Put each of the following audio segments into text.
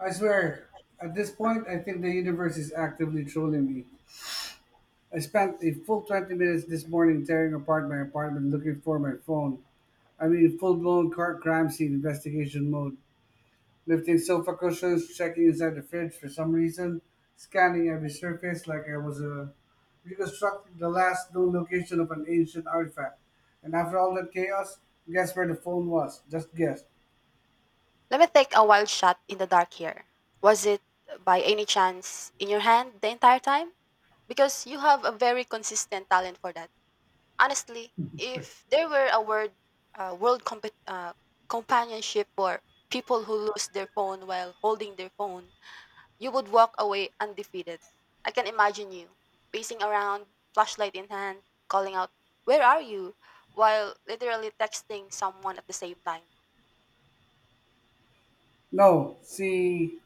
I swear, at this point, I think the universe is actively trolling me. I spent a full 20 minutes this morning tearing apart my apartment looking for my phone. I mean, full blown car crime scene investigation mode. Lifting sofa cushions, checking inside the fridge for some reason, scanning every surface like I was reconstructing the last known location of an ancient artifact. And after all that chaos, guess where the phone was? Just guess. Let me take a wild shot in the dark here. Was it by any chance in your hand the entire time? Because you have a very consistent talent for that. Honestly, if there were a word, world companionship for people who lose their phone while holding their phone, you would walk away undefeated. I can imagine you pacing around, flashlight in hand, calling out, "Where are you?" while literally texting someone at the same time. No, see,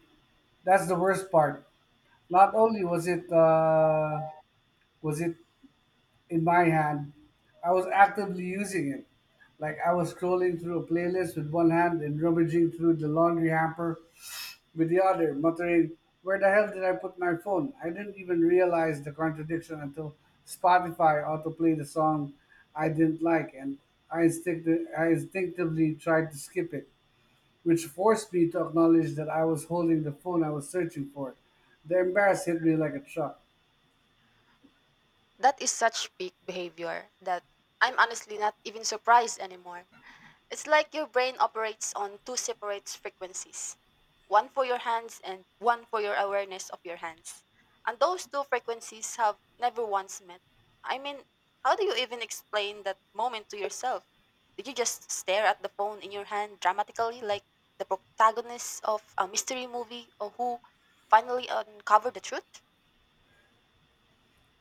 that's the worst part. Not only was it was it in my hand, I was actively using it. Like I was scrolling through a playlist with one hand and rummaging through the laundry hamper with the other, muttering, "Where the hell did I put my phone?" I didn't even realize the contradiction until Spotify autoplayed a song I didn't like, and I instinctively tried to skip it, which forced me to acknowledge that I was holding the phone I was searching for. The embarrassment hit me like a truck. That is such peak behavior that I'm honestly not even surprised anymore. It's like your brain operates on two separate frequencies, one for your hands and one for your awareness of your hands. And those two frequencies have never once met. I mean, how do you even explain that moment to yourself? Did you just stare at the phone in your hand dramatically like the protagonist of a mystery movie or who finally uncovered the truth?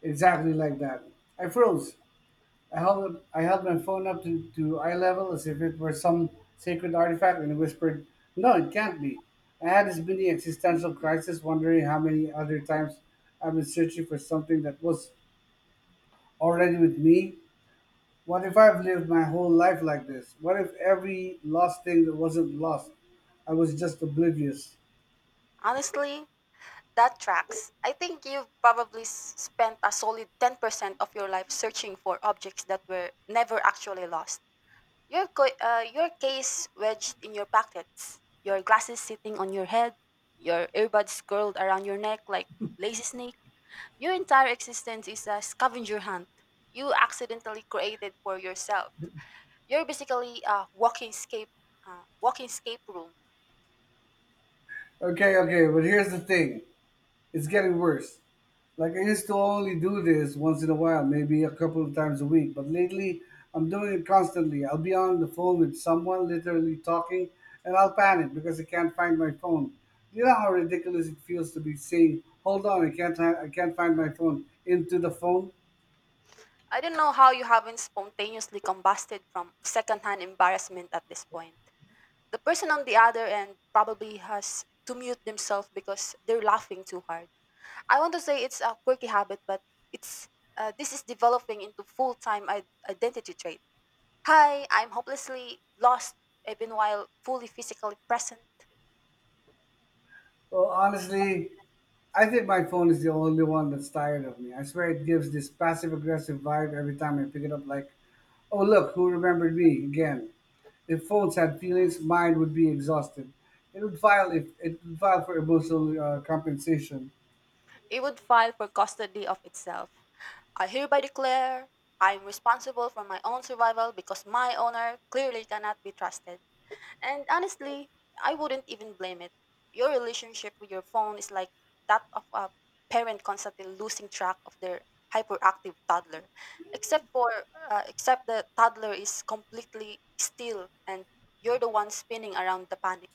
Exactly like that. I froze. I held my phone up to eye level as if it were some sacred artifact and whispered, "No, it can't be." I had this mini existential crisis, wondering how many other times I've been searching for something that was already with me. What if I've lived my whole life like this? What if every lost thing that wasn't lost, I was just oblivious? Honestly, that tracks. I think you've probably spent a solid 10% of your life searching for objects that were never actually lost. Your case wedged in your pockets, your glasses sitting on your head, your earbuds curled around your neck like lazy snake. Your entire existence is a scavenger hunt you accidentally created for yourself. You're basically a walking escape room. Okay, okay, but here's the thing. It's getting worse. Like I used to only do this once in a while, maybe a couple of times a week, but lately I'm doing it constantly. I'll be on the phone with someone literally talking and I'll panic because I can't find my phone. Do you know how ridiculous it feels to be saying, "Hold on, I can't find my phone" into the phone? I don't know how you haven't spontaneously combusted from secondhand embarrassment at this point. The person on the other end probably has to mute themselves because they're laughing too hard. I want to say it's a quirky habit, but it's this is developing into full-time identity trait. Hi, I'm hopelessly lost even while fully physically present. Well, honestly, I think my phone is the only one that's tired of me. I swear it gives this passive aggressive vibe every time I pick it up like, "Oh, look, who remembered me again?" If phones had feelings, mine would be exhausted. It would file if it would file for emotional compensation. It would file for custody of itself. I hereby declare I am responsible for my own survival because my owner clearly cannot be trusted. And honestly, I wouldn't even blame it. Your relationship with your phone is like that of a parent constantly losing track of their hyperactive toddler, except for except the toddler is completely still and you're the one spinning around the panic.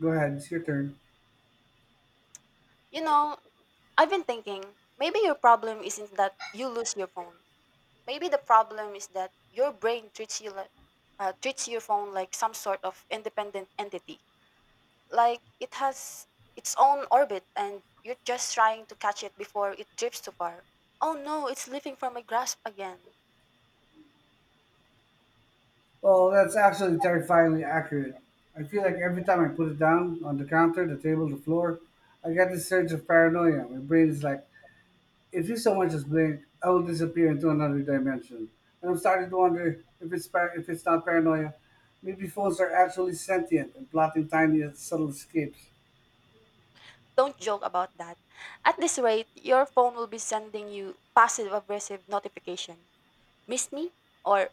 Go ahead, it's your turn. You know, I've been thinking maybe your problem isn't that you lose your phone. Maybe the problem is that your brain treats your phone like some sort of independent entity. Like it has its own orbit and you're just trying to catch it before it drifts too far. Oh no, it's leaving from my grasp again. Well, that's actually terrifyingly accurate. I feel like every time I put it down on the counter, the table, the floor, I get this surge of paranoia. My brain is like, if you so much as blink, I will disappear into another dimension. And I'm starting to wonder if it's not paranoia. Maybe phones are actually sentient and plotting tiny, subtle escapes. Don't joke about that. At this rate, your phone will be sending you passive aggressive notification. Missed me? Or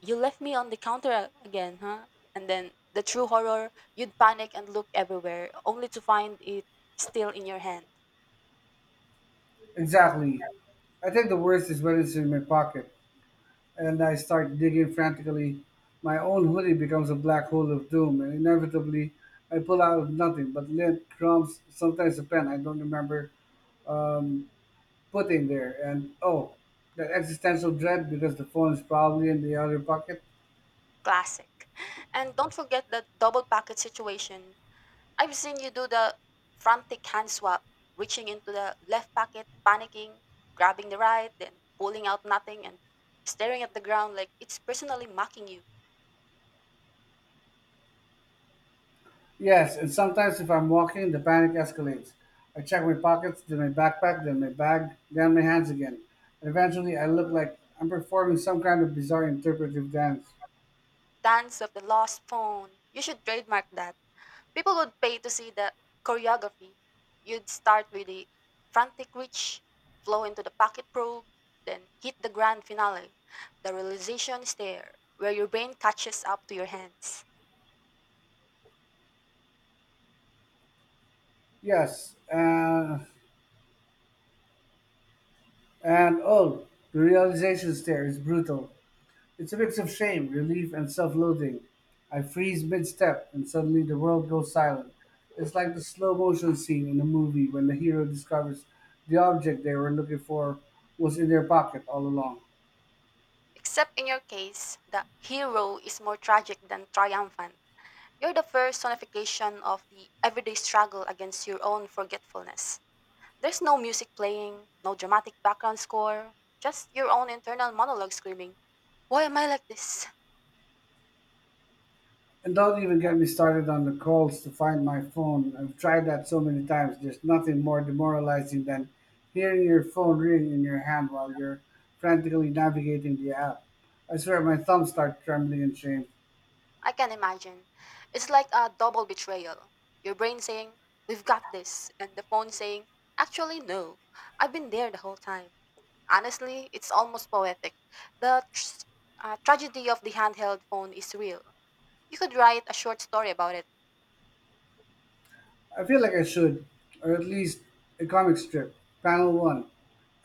you left me on the counter again, huh? And then the true horror, you'd panic and look everywhere, only to find it still in your hand. Exactly. I think the worst is when it's in my pocket and I start digging frantically. My own hoodie becomes a black hole of doom, and inevitably, I pull out of nothing but lint, crumbs, sometimes a pen I don't remember um, putting there. And oh, that existential dread because the phone is probably in the other pocket. Classic. And don't forget the double packet situation. I've seen you do the frantic hand swap, reaching into the left pocket, panicking, grabbing the right, then pulling out nothing and staring at the ground like it's personally mocking you. Yes, and sometimes if I'm walking, the panic escalates. I check my pockets, then my backpack, then my bag, then my hands again. And eventually, I look like I'm performing some kind of bizarre interpretive dance. Dance of the lost phone. You should trademark that. People would pay to see the choreography. You'd start with the frantic reach, flow into the pocket probe, then hit the grand finale, the realization stare, where your brain catches up to your hands. Yes, and oh, the realization there is brutal. It's a mix of shame, relief, and self loathing. I freeze mid step, and suddenly the world goes silent. It's like the slow motion scene in a movie when the hero discovers the object they were looking for was in their pocket all along. Except in your case, the hero is more tragic than triumphant. You're the personification of the everyday struggle against your own forgetfulness. There's no music playing, no dramatic background score, just your own internal monologue screaming, "Why am I like this?" And don't even get me started on the calls to find my phone. I've tried that so many times. There's nothing more demoralizing than hearing your phone ring in your hand while you're frantically navigating the app. I swear my thumbs start trembling in shame. I can imagine. It's like a double betrayal. Your brain saying, "We've got this," and the phone saying, "Actually, no, I've been there the whole time." Honestly, it's almost poetic. The tragedy of the handheld phone is real. You could write a short story about it. I feel like I should, or at least a comic strip. Panel one,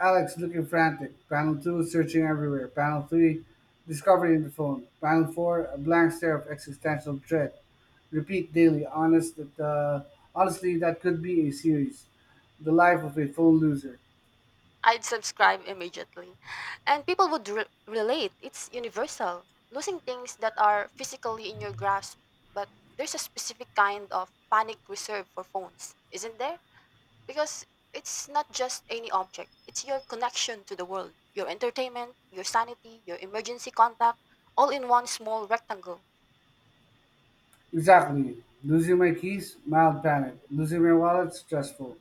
Alex looking frantic. Panel two, searching everywhere. Panel three, discovery in the phone. Panel four, a blank stare of existential dread. Repeat daily. Honestly, that could be a series. The life of a phone loser. I'd subscribe immediately. And people would relate. It's universal. Losing things that are physically in your grasp, but there's a specific kind of panic reserved for phones, isn't there? Because it's not just any object, it's your connection to the world, your entertainment, your sanity, your emergency contact, all in one small rectangle. Exactly. Losing my keys, mild panic. Losing my wallet, stressful,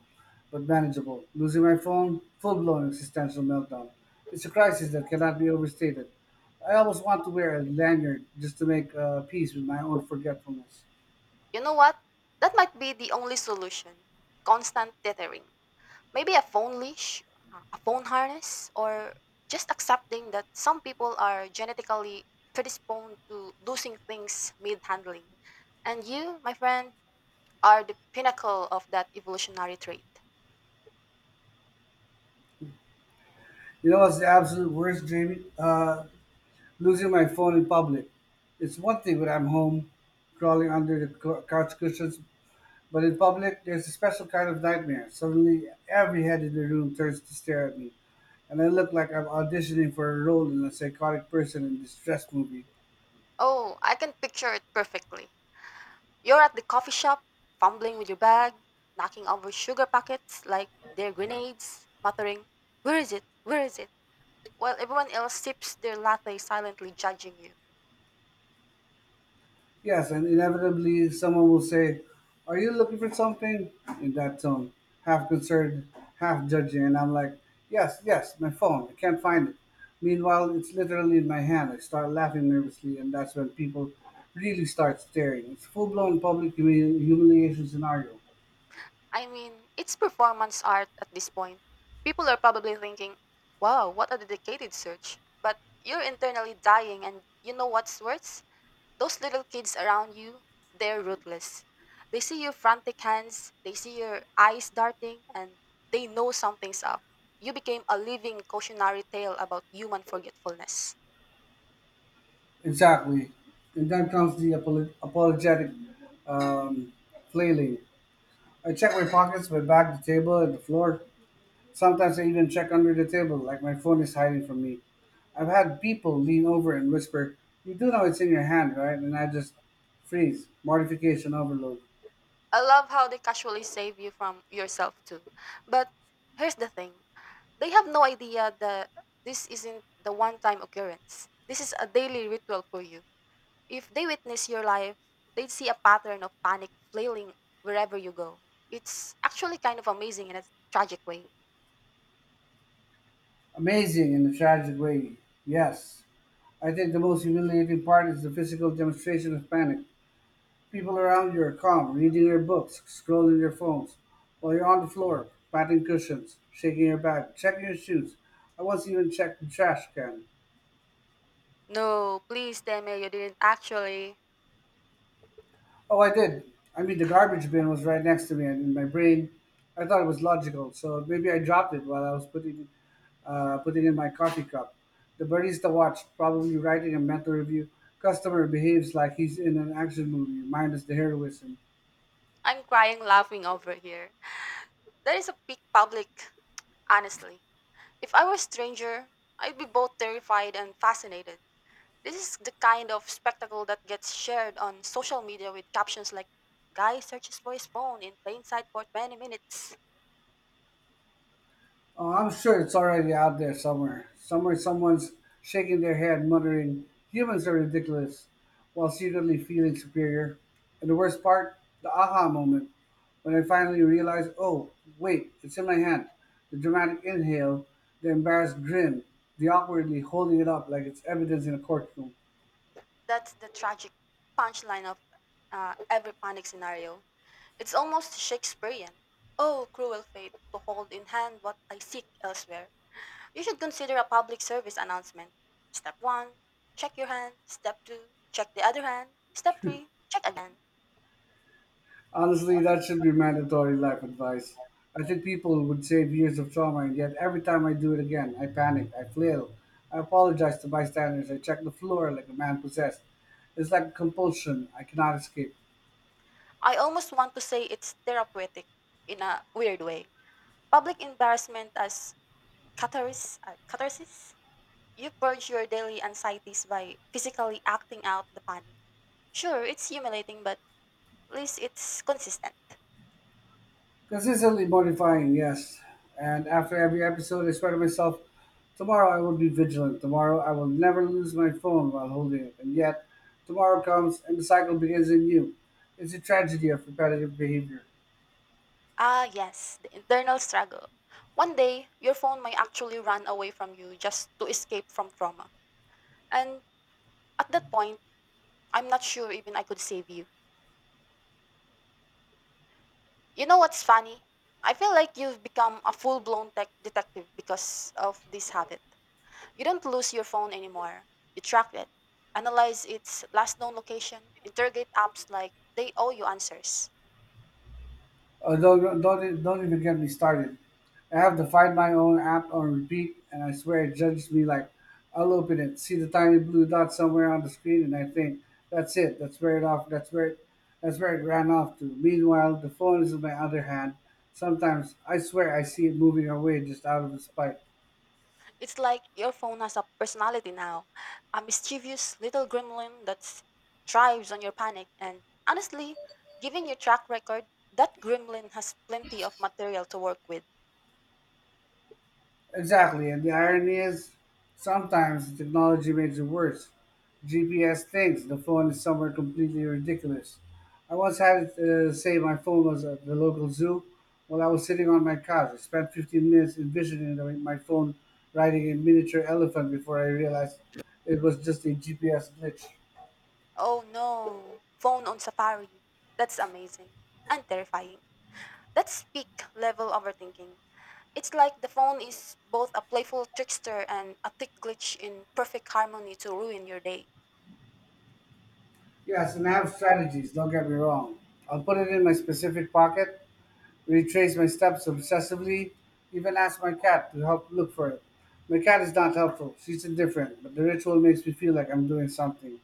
but manageable. Losing my phone, full blown existential meltdown. It's a crisis that cannot be overstated. I always want to wear a lanyard just to make peace with my own forgetfulness. You know what? That might be the only solution. Constant tethering. Maybe a a phone harness, or just accepting that some people are genetically predisposed to losing things mid handling. And you, my friend, are the pinnacle of that evolutionary trait. You know what's the absolute worst, Jamie? Losing my phone in public. It's one thing when I'm home, crawling under the couch cushions, but in public, there's a special kind of nightmare. Suddenly, every head in the room turns to stare at me, and I look like I'm auditioning for a role in a psychotic person in distress movie. Oh, I can picture it perfectly. You're at the coffee shop, fumbling with your bag, knocking over sugar packets like they're grenades, muttering, "Where is it? Where is it?" While everyone else sips their latte silently judging you. Yes, and inevitably someone will say, "Are you looking for something?" in that tone, half concerned, half judging, and I'm like, "Yes, yes, my phone, I can't find it." Meanwhile, it's literally in my hand. I start laughing nervously, and that's when people really start staring. It's full blown public humiliation scenario. I mean, it's performance art at this point. People are probably thinking, "Wow, what a dedicated search." But you're internally dying, and you know what's worse? Those little kids around you, they're ruthless. They see your frantic hands, they see your eyes darting, and they know something's up. You became a living cautionary tale about human forgetfulness. Exactly. And then comes the apologetic um, flailing. I check my pockets, my bag, the table, and the floor. Sometimes I even check under the table, like my phone is hiding from me. I've had people lean over and whisper, "You do know it's in your hand, right?" And I just freeze. Mortification overload. I love how they casually save you from yourself, too. But here's the thing, they have no idea that this isn't the one time occurrence. This is a daily ritual for you. If they witness your life, they'd see a pattern of panic flailing wherever you go. It's actually kind of amazing in a tragic way. Amazing in a tragic way, yes. I think the most humiliating part is the physical demonstration of panic. People around you are calm, reading their books, scrolling their phones, while you're on the floor, patting cushions, shaking your bag, checking your shoes. I once even checked the trash can. No, please tell me you didn't actually. Oh, I did. I mean, the garbage bin was right next to me, and in my brain, I thought it was logical. So maybe I dropped it while I was putting in my coffee cup. The barista watched, probably writing a mental review. Customer behaves like he's in an action movie, minus the heroism. I'm crying laughing over here. There is a big public, honestly. If I were a stranger, I'd be both terrified and fascinated. This is the kind of spectacle that gets shared on social media with captions like guy searches for his phone in plain sight for 20 minutes. Oh, I'm sure it's already out there somewhere. Somewhere, someone's shaking their head, muttering, "humans are ridiculous," while secretly feeling superior. And the worst part, the aha moment, when I finally realize, oh, wait, it's in my hand. The dramatic inhale, the embarrassed grin, the awkwardly holding it up like it's evidence in a courtroom. That's the tragic punchline of every panic scenario. It's almost Shakespearean. Oh, cruel fate, to hold in hand what I seek elsewhere. You should consider a public service announcement. Step 1, check your hand. Step 2, check the other hand. Step 3, check again. Honestly, that should be mandatory life advice. I think people would save years of trauma, and yet every time I do it again, I panic, I flail, I apologize to bystanders, I check the floor like a man possessed. It's like a compulsion I cannot escape. I almost want to say it's therapeutic in a weird way. Public embarrassment as catharsis? You purge your daily anxieties by physically acting out the panic. Sure, it's humiliating, but at least it's consistent. Consistently mortifying, yes. And after every episode, I swear to myself, tomorrow I will be vigilant. Tomorrow I will never lose my phone while holding it. And yet, tomorrow comes and the cycle begins anew. It's a tragedy of repetitive behavior. Ah, yes, the internal struggle. One day, your phone may actually run away from you just to escape from trauma. And at that point, I'm not sure even I could save you. You know what's funny? I feel like you've become a full blown tech detective because of this habit. You don't lose your phone anymore. You track it, analyze its last known location, interrogate apps like they owe you answers. Don't even get me started. I have to find my own app on repeat, and I swear it judges me like, I'll open it, see the tiny blue dot somewhere on the screen, and I think, that's it, that's where it ran off to. Meanwhile, the phone is in my other hand. Sometimes I swear I see it moving away just out of its spite. It's like your phone has a personality now, a mischievous little gremlin that thrives on your panic. And honestly, given your track record, that gremlin has plenty of material to work with. Exactly, and the irony is sometimes the technology makes it worse. GPS thinks the phone is somewhere completely ridiculous. I once had to say my phone was at the local zoo while I was sitting on my couch. I spent 15 minutes envisioning my phone riding a miniature elephant before I realized it was just a GPS glitch. Oh no, phone on safari. That's amazing and terrifying. That's peak level overthinking. It's like the phone is both a playful trickster and a thick glitch in perfect harmony to ruin your day. Yes, and I have strategies, don't get me wrong. I'll put it in my specific pocket, retrace my steps obsessively, even ask my cat to help look for it. My cat is not helpful. She's indifferent, but the ritual makes me feel like I'm doing something.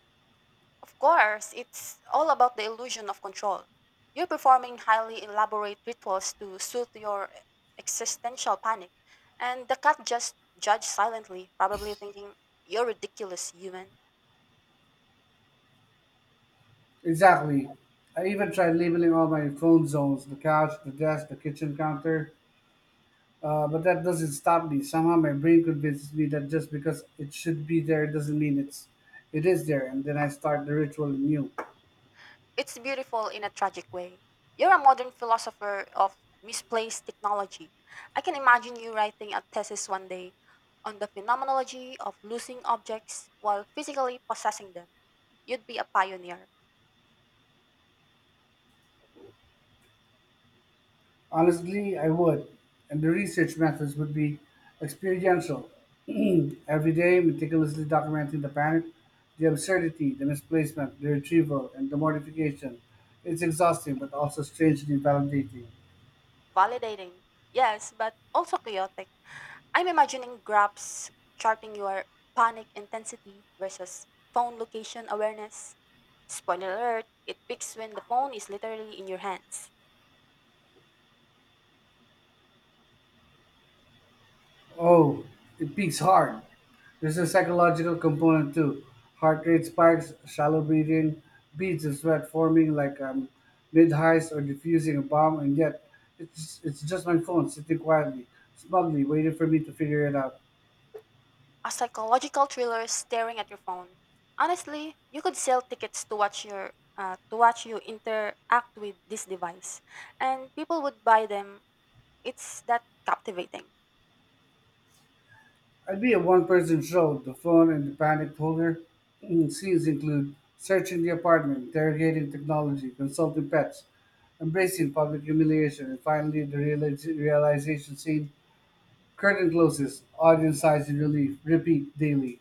Of course, it's all about the illusion of control. You're performing highly elaborate rituals to soothe your existential panic, and the cat just judges silently, probably thinking, "You're ridiculous, human." Exactly. I even tried labeling all my phone zones: the couch, the desk, the kitchen counter. But that doesn't stop me. Somehow my brain convinces me that just because it should be there doesn't mean it is there, and then I start the ritual anew. It's beautiful in a tragic way. You're a modern philosopher of misplaced technology. I can imagine you writing a thesis one day on the phenomenology of losing objects while physically possessing them. You'd be a pioneer. Honestly, I would. And the research methods would be experiential, every day meticulously documenting the panic, the absurdity, the misplacement, the retrieval, and the mortification. It's exhausting, but also strangely validating. Validating, yes, but also chaotic. I'm imagining graphs charting your panic intensity versus phone location awareness. Spoiler alert, it peaks when the phone is literally in your hands. Oh, it peaks hard. There's a psychological component too. Heart rate spikes, shallow breathing, beads of sweat forming like mid heist or diffusing a bomb, and yet it's just my phone sitting quietly, smugly, waiting for me to figure it out. A psychological thriller staring at your phone. Honestly, you could sell tickets to watch your to watch you interact with this device, and people would buy them. It's that captivating. I'd be a one person show. The phone and the panicked holder. Mm, scenes include searching the apartment, interrogating technology, consulting pets, embracing public humiliation, and finally the realization scene. Curtain closes, audience sighs in relief, repeat daily.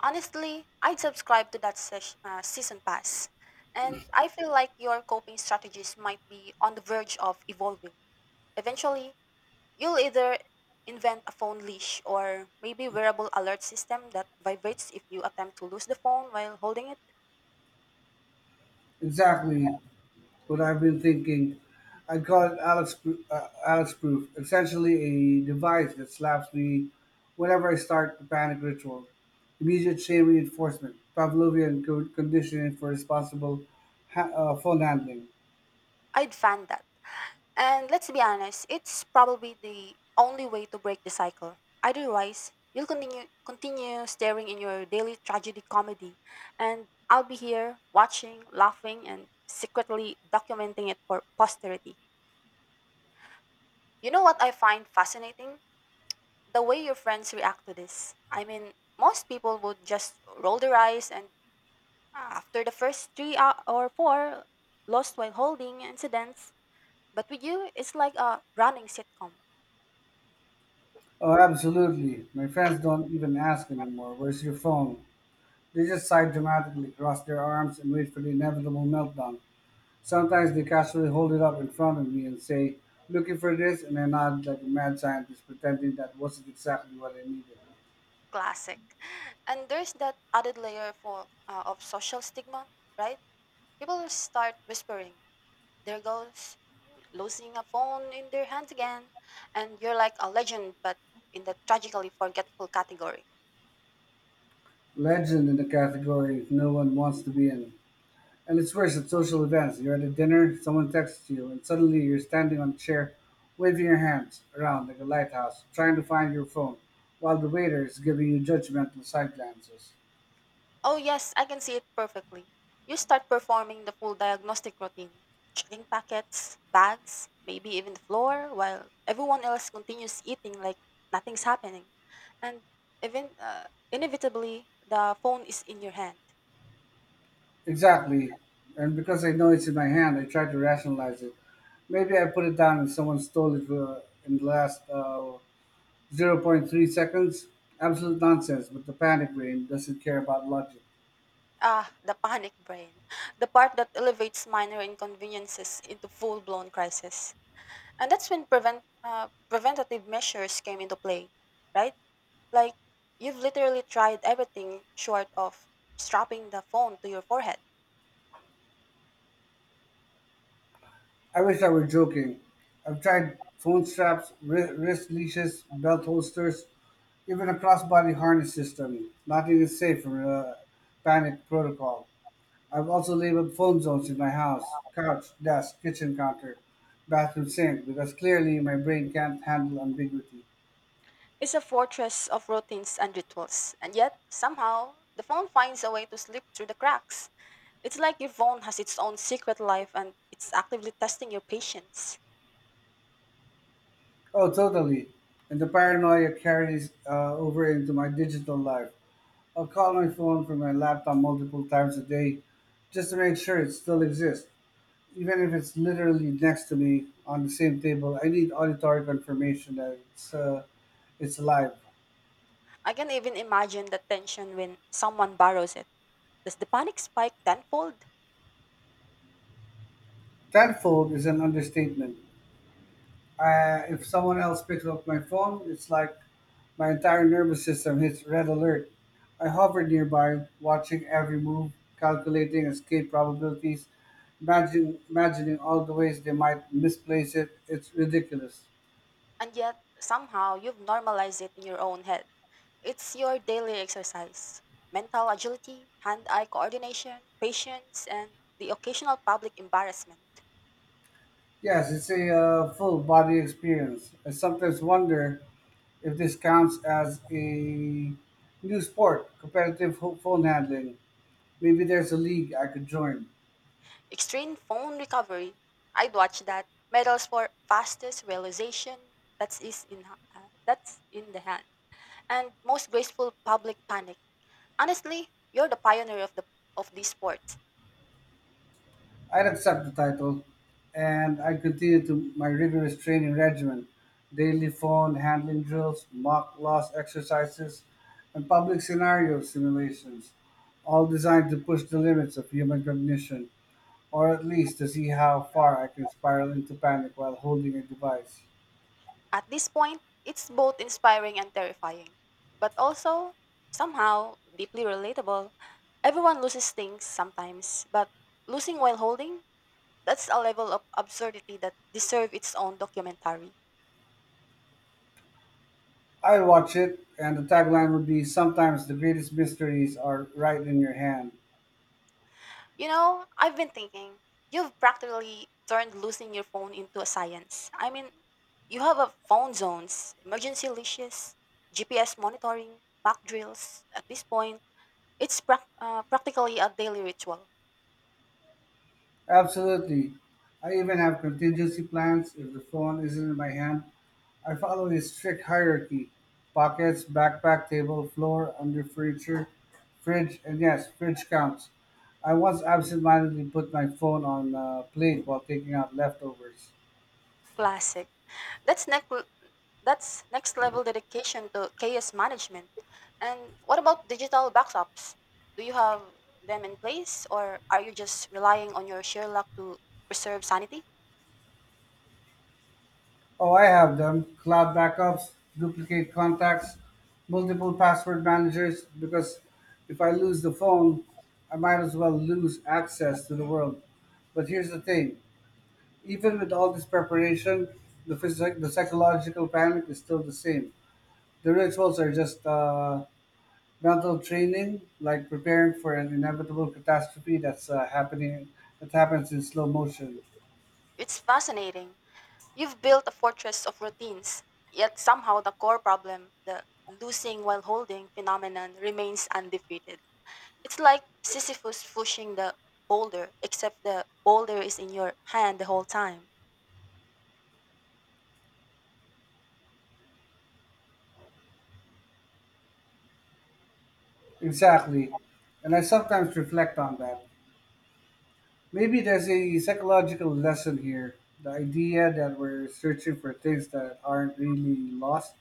Honestly, I'd subscribe to that season pass. And I feel like your coping strategies might be on the verge of evolving. Eventually, you'll either invent a phone leash or maybe wearable alert system that vibrates if you attempt to lose the phone while holding it. Exactly what I've been thinking. I'd call it Alex proof, essentially a device that slaps me whenever I start the panic ritual. Immediate shame reinforcement, Pavlovian conditioning for responsible phone handling. I'd fan that. And let's be honest, it's probably the only way to break the cycle. Otherwise, you'll continue staring in your daily tragedy comedy, and I'll be here watching, laughing, and secretly documenting it for posterity. You know what I find fascinating? The way your friends react to this. I mean, most people would just roll their eyes and "Ah," after the first three hou- or four lost while holding incidents, but with you, it's like a running sitcom. Oh, absolutely. My friends don't even ask anymore, where's your phone? They just sigh dramatically, cross their arms, and wait for the inevitable meltdown. Sometimes they casually hold it up in front of me and say, "Looking for this?" And I nod like a mad scientist, pretending that wasn't exactly what I needed. Classic. And there's that added layer for of social stigma, right? People start whispering, "There goes losing a phone in their hands again," and you're like a legend, but in the tragically forgetful category. Legend in the category no one wants to be in. And it's worse at social events. You're at a dinner, someone texts you, and suddenly you're standing on a chair, waving your hands around like a lighthouse, trying to find your phone, while the waiter is giving you judgmental side glances. Oh, yes, I can see it perfectly. You start performing the full diagnostic routine, checking packets, bags, maybe even the floor, while everyone else continues eating like nothing's happening. And even inevitably, the phone is in your hand. Exactly. And because I know it's in my hand, I try to rationalize it. Maybe I put it down and someone stole it in the last zero point 0.3 seconds. Absolute nonsense, but the panic brain doesn't care about logic. Ah, the panic brain. The part that elevates minor inconveniences into full blown crisis. And that's when preventative measures came into play, right? Like, you've literally tried everything short of strapping the phone to your forehead. I wish I were joking. I've tried phone straps, wrist leashes, belt holsters, even a crossbody harness system. Nothing is safe from panic protocol. I've also labeled foam zones in my house: couch, desk, kitchen counter, bathroom sink, because clearly my brain can't handle ambiguity. It's a fortress of routines and rituals, and yet, somehow, the phone finds a way to slip through the cracks. It's like your phone has its own secret life and it's actively testing your patience. Oh, totally. And the paranoia carries over into my digital life. I'll call my phone from my laptop multiple times a day just to make sure it still exists. Even if it's literally next to me on the same table, I need auditory confirmation that it's alive. I can even imagine the tension when someone borrows it. Does the panic spike tenfold? Tenfold is an understatement. If someone else picks up my phone, it's like my entire nervous system hits red alert. I hover nearby, watching every move, calculating escape probabilities, imagining all the ways they might misplace it. It's ridiculous. And yet, somehow, you've normalized it in your own head. It's your daily exercise, mental agility, hand eye coordination, patience, and the occasional public embarrassment. Yes, it's a full body experience. I sometimes wonder if this counts as a new sport, competitive phone handling. Maybe there's a league I could join. Extreme phone recovery. I'd watch that. Medals for fastest realization. That's in the hand. And most graceful public panic. Honestly, you're the pioneer of these sports. I would accept the title, and I would continue to my rigorous training regimen: daily phone handling drills, mock loss exercises, and public scenario simulations, all designed to push the limits of human cognition, or at least to see how far I can spiral into panic while holding a device. At this point, it's both inspiring and terrifying, but also, somehow, deeply relatable. Everyone loses things sometimes, but losing while holding? That's a level of absurdity that deserves its own documentary. I would watch it, and the tagline would be, "Sometimes the greatest mysteries are right in your hand." You know, I've been thinking, you've practically turned losing your phone into a science. I mean, you have a phone zones, emergency leashes, GPS monitoring, mock drills. At this point, it's practically a daily ritual. Absolutely. I even have contingency plans if the phone isn't in my hand. I follow a strict hierarchy: pockets, backpack, table, floor, under furniture, fridge, and yes, fridge counts. I once absentmindedly put my phone on a plate while taking out leftovers. Classic. That's next that's next level dedication to chaos management. And what about digital backups? Do you have them in place or are you just relying on your sheer luck to preserve sanity? Oh, I have them. Cloud backups, duplicate contacts, multiple password managers, because if I lose the phone, I might as well lose access to the world. But here's the thing: even with all this preparation, the psychological panic is still the same. The rituals are just mental training, like preparing for an inevitable catastrophe that happens in slow motion. It's fascinating. You've built a fortress of routines, yet somehow the core problem, the losing while holding phenomenon remains undefeated. It's like Sisyphus pushing the boulder, except the boulder is in your hand the whole time. Exactly, and I sometimes reflect on that. Maybe there's a psychological lesson here. The idea that we're searching for things that aren't really lost.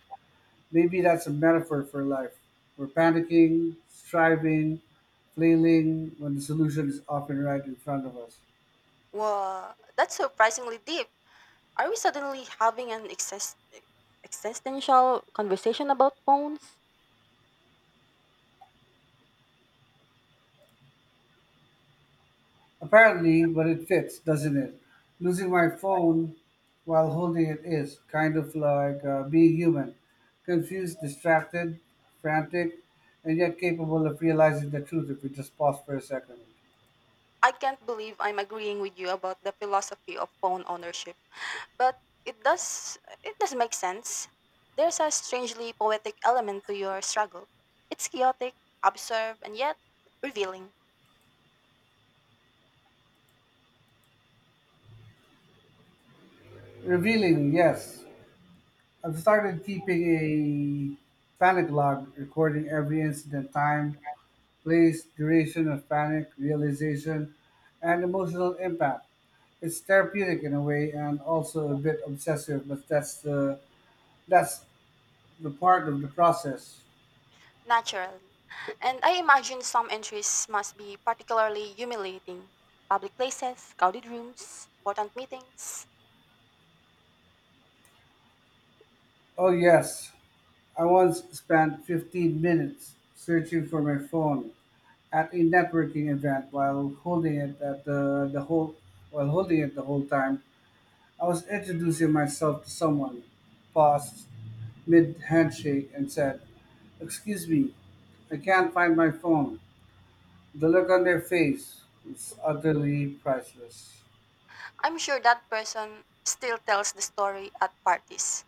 Maybe that's a metaphor for life. We're panicking, striving, flailing when the solution is often right in front of us. Wow, that's surprisingly deep. Are we suddenly having an existential conversation about phones? Apparently, but it fits, doesn't it? Losing my phone while holding it is kind of like being human: confused, distracted, frantic, and yet capable of realizing the truth if we just pause for a second. I can't believe I'm agreeing with you about the philosophy of phone ownership, but it does it does make sense. There's a strangely poetic element to your struggle. It's chaotic, absurd, and yet revealing. Revealing, yes. I've started keeping a panic log, recording every incident: time, place, duration of panic, realization, and emotional impact. It's therapeutic in a way, and also a bit obsessive, but that's the part of the process. Naturally. And I imagine some entries must be particularly humiliating. Public places, crowded rooms, important meetings. Oh, yes. I once spent 15 minutes searching for my phone at a networking event, while holding it the whole time. I was introducing myself to someone, paused mid handshake and said, "Excuse me, I can't find my phone." The look on their face was utterly priceless. I'm sure that person still tells the story at parties.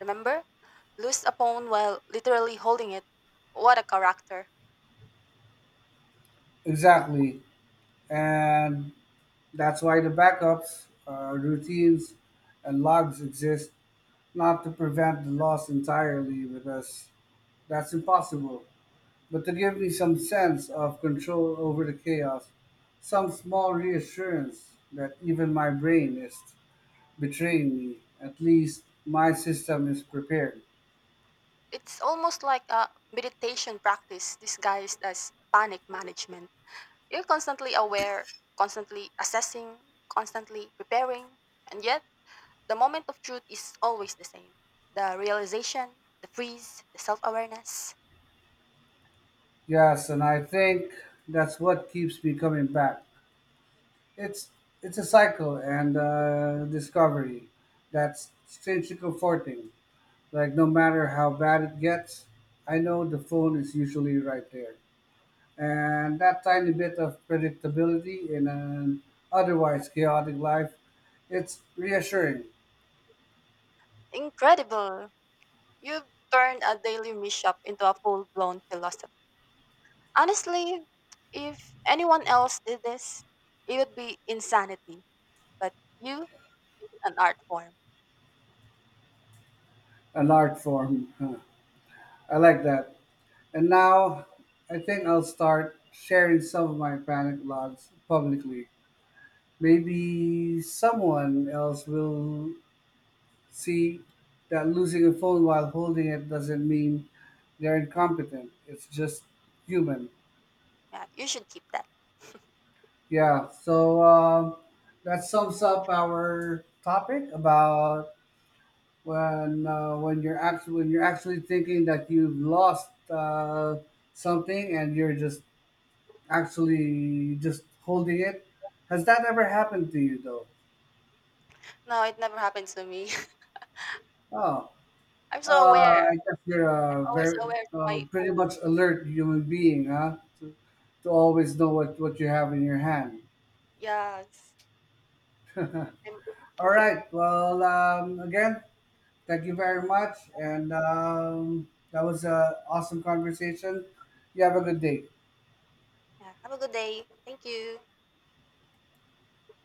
Remember? Lose a pawn while literally holding it. What a character. Exactly. And that's why the backups, routines, and logs exist, not to prevent the loss entirely, because that's impossible, but to give me some sense of control over the chaos, some small reassurance that even my brain is betraying me, at least my system is prepared. It's almost like a meditation practice disguised as panic management. You're constantly aware, constantly assessing, constantly preparing, and yet the moment of truth is always the same, the realization, the freeze, the self awareness. Yes, and I think that's what keeps me coming back. It's it's a cycle and discovery that's strangely comforting. Like, no matter how bad it gets, I know the phone is usually right there. And that tiny bit of predictability in an otherwise chaotic life, it's reassuring. Incredible! You've turned a daily mishap into a full blown philosophy. Honestly, if anyone else did this, it would be insanity. But you make it an art form. An art form, huh. I like that. And now I think I'll start sharing some of my panic logs publicly. Maybe someone else will see that losing a phone while holding it doesn't mean they're incompetent. It's just human. Yeah, you should keep that. Yeah, so that sums up our topic about when you're actually thinking that you've lost something and you're just actually just holding it. Has that ever happened to you though? No, it never happens to me. Oh, I'm so aware. I guess you're a I'm always very aware to my pretty phone. much alert human being, huh? To always know what you have in your hand. Yes. I'm- All right. Well, again, thank you very much. And that was an awesome conversation. You have a good day. yeah. Have a good day. Thank you.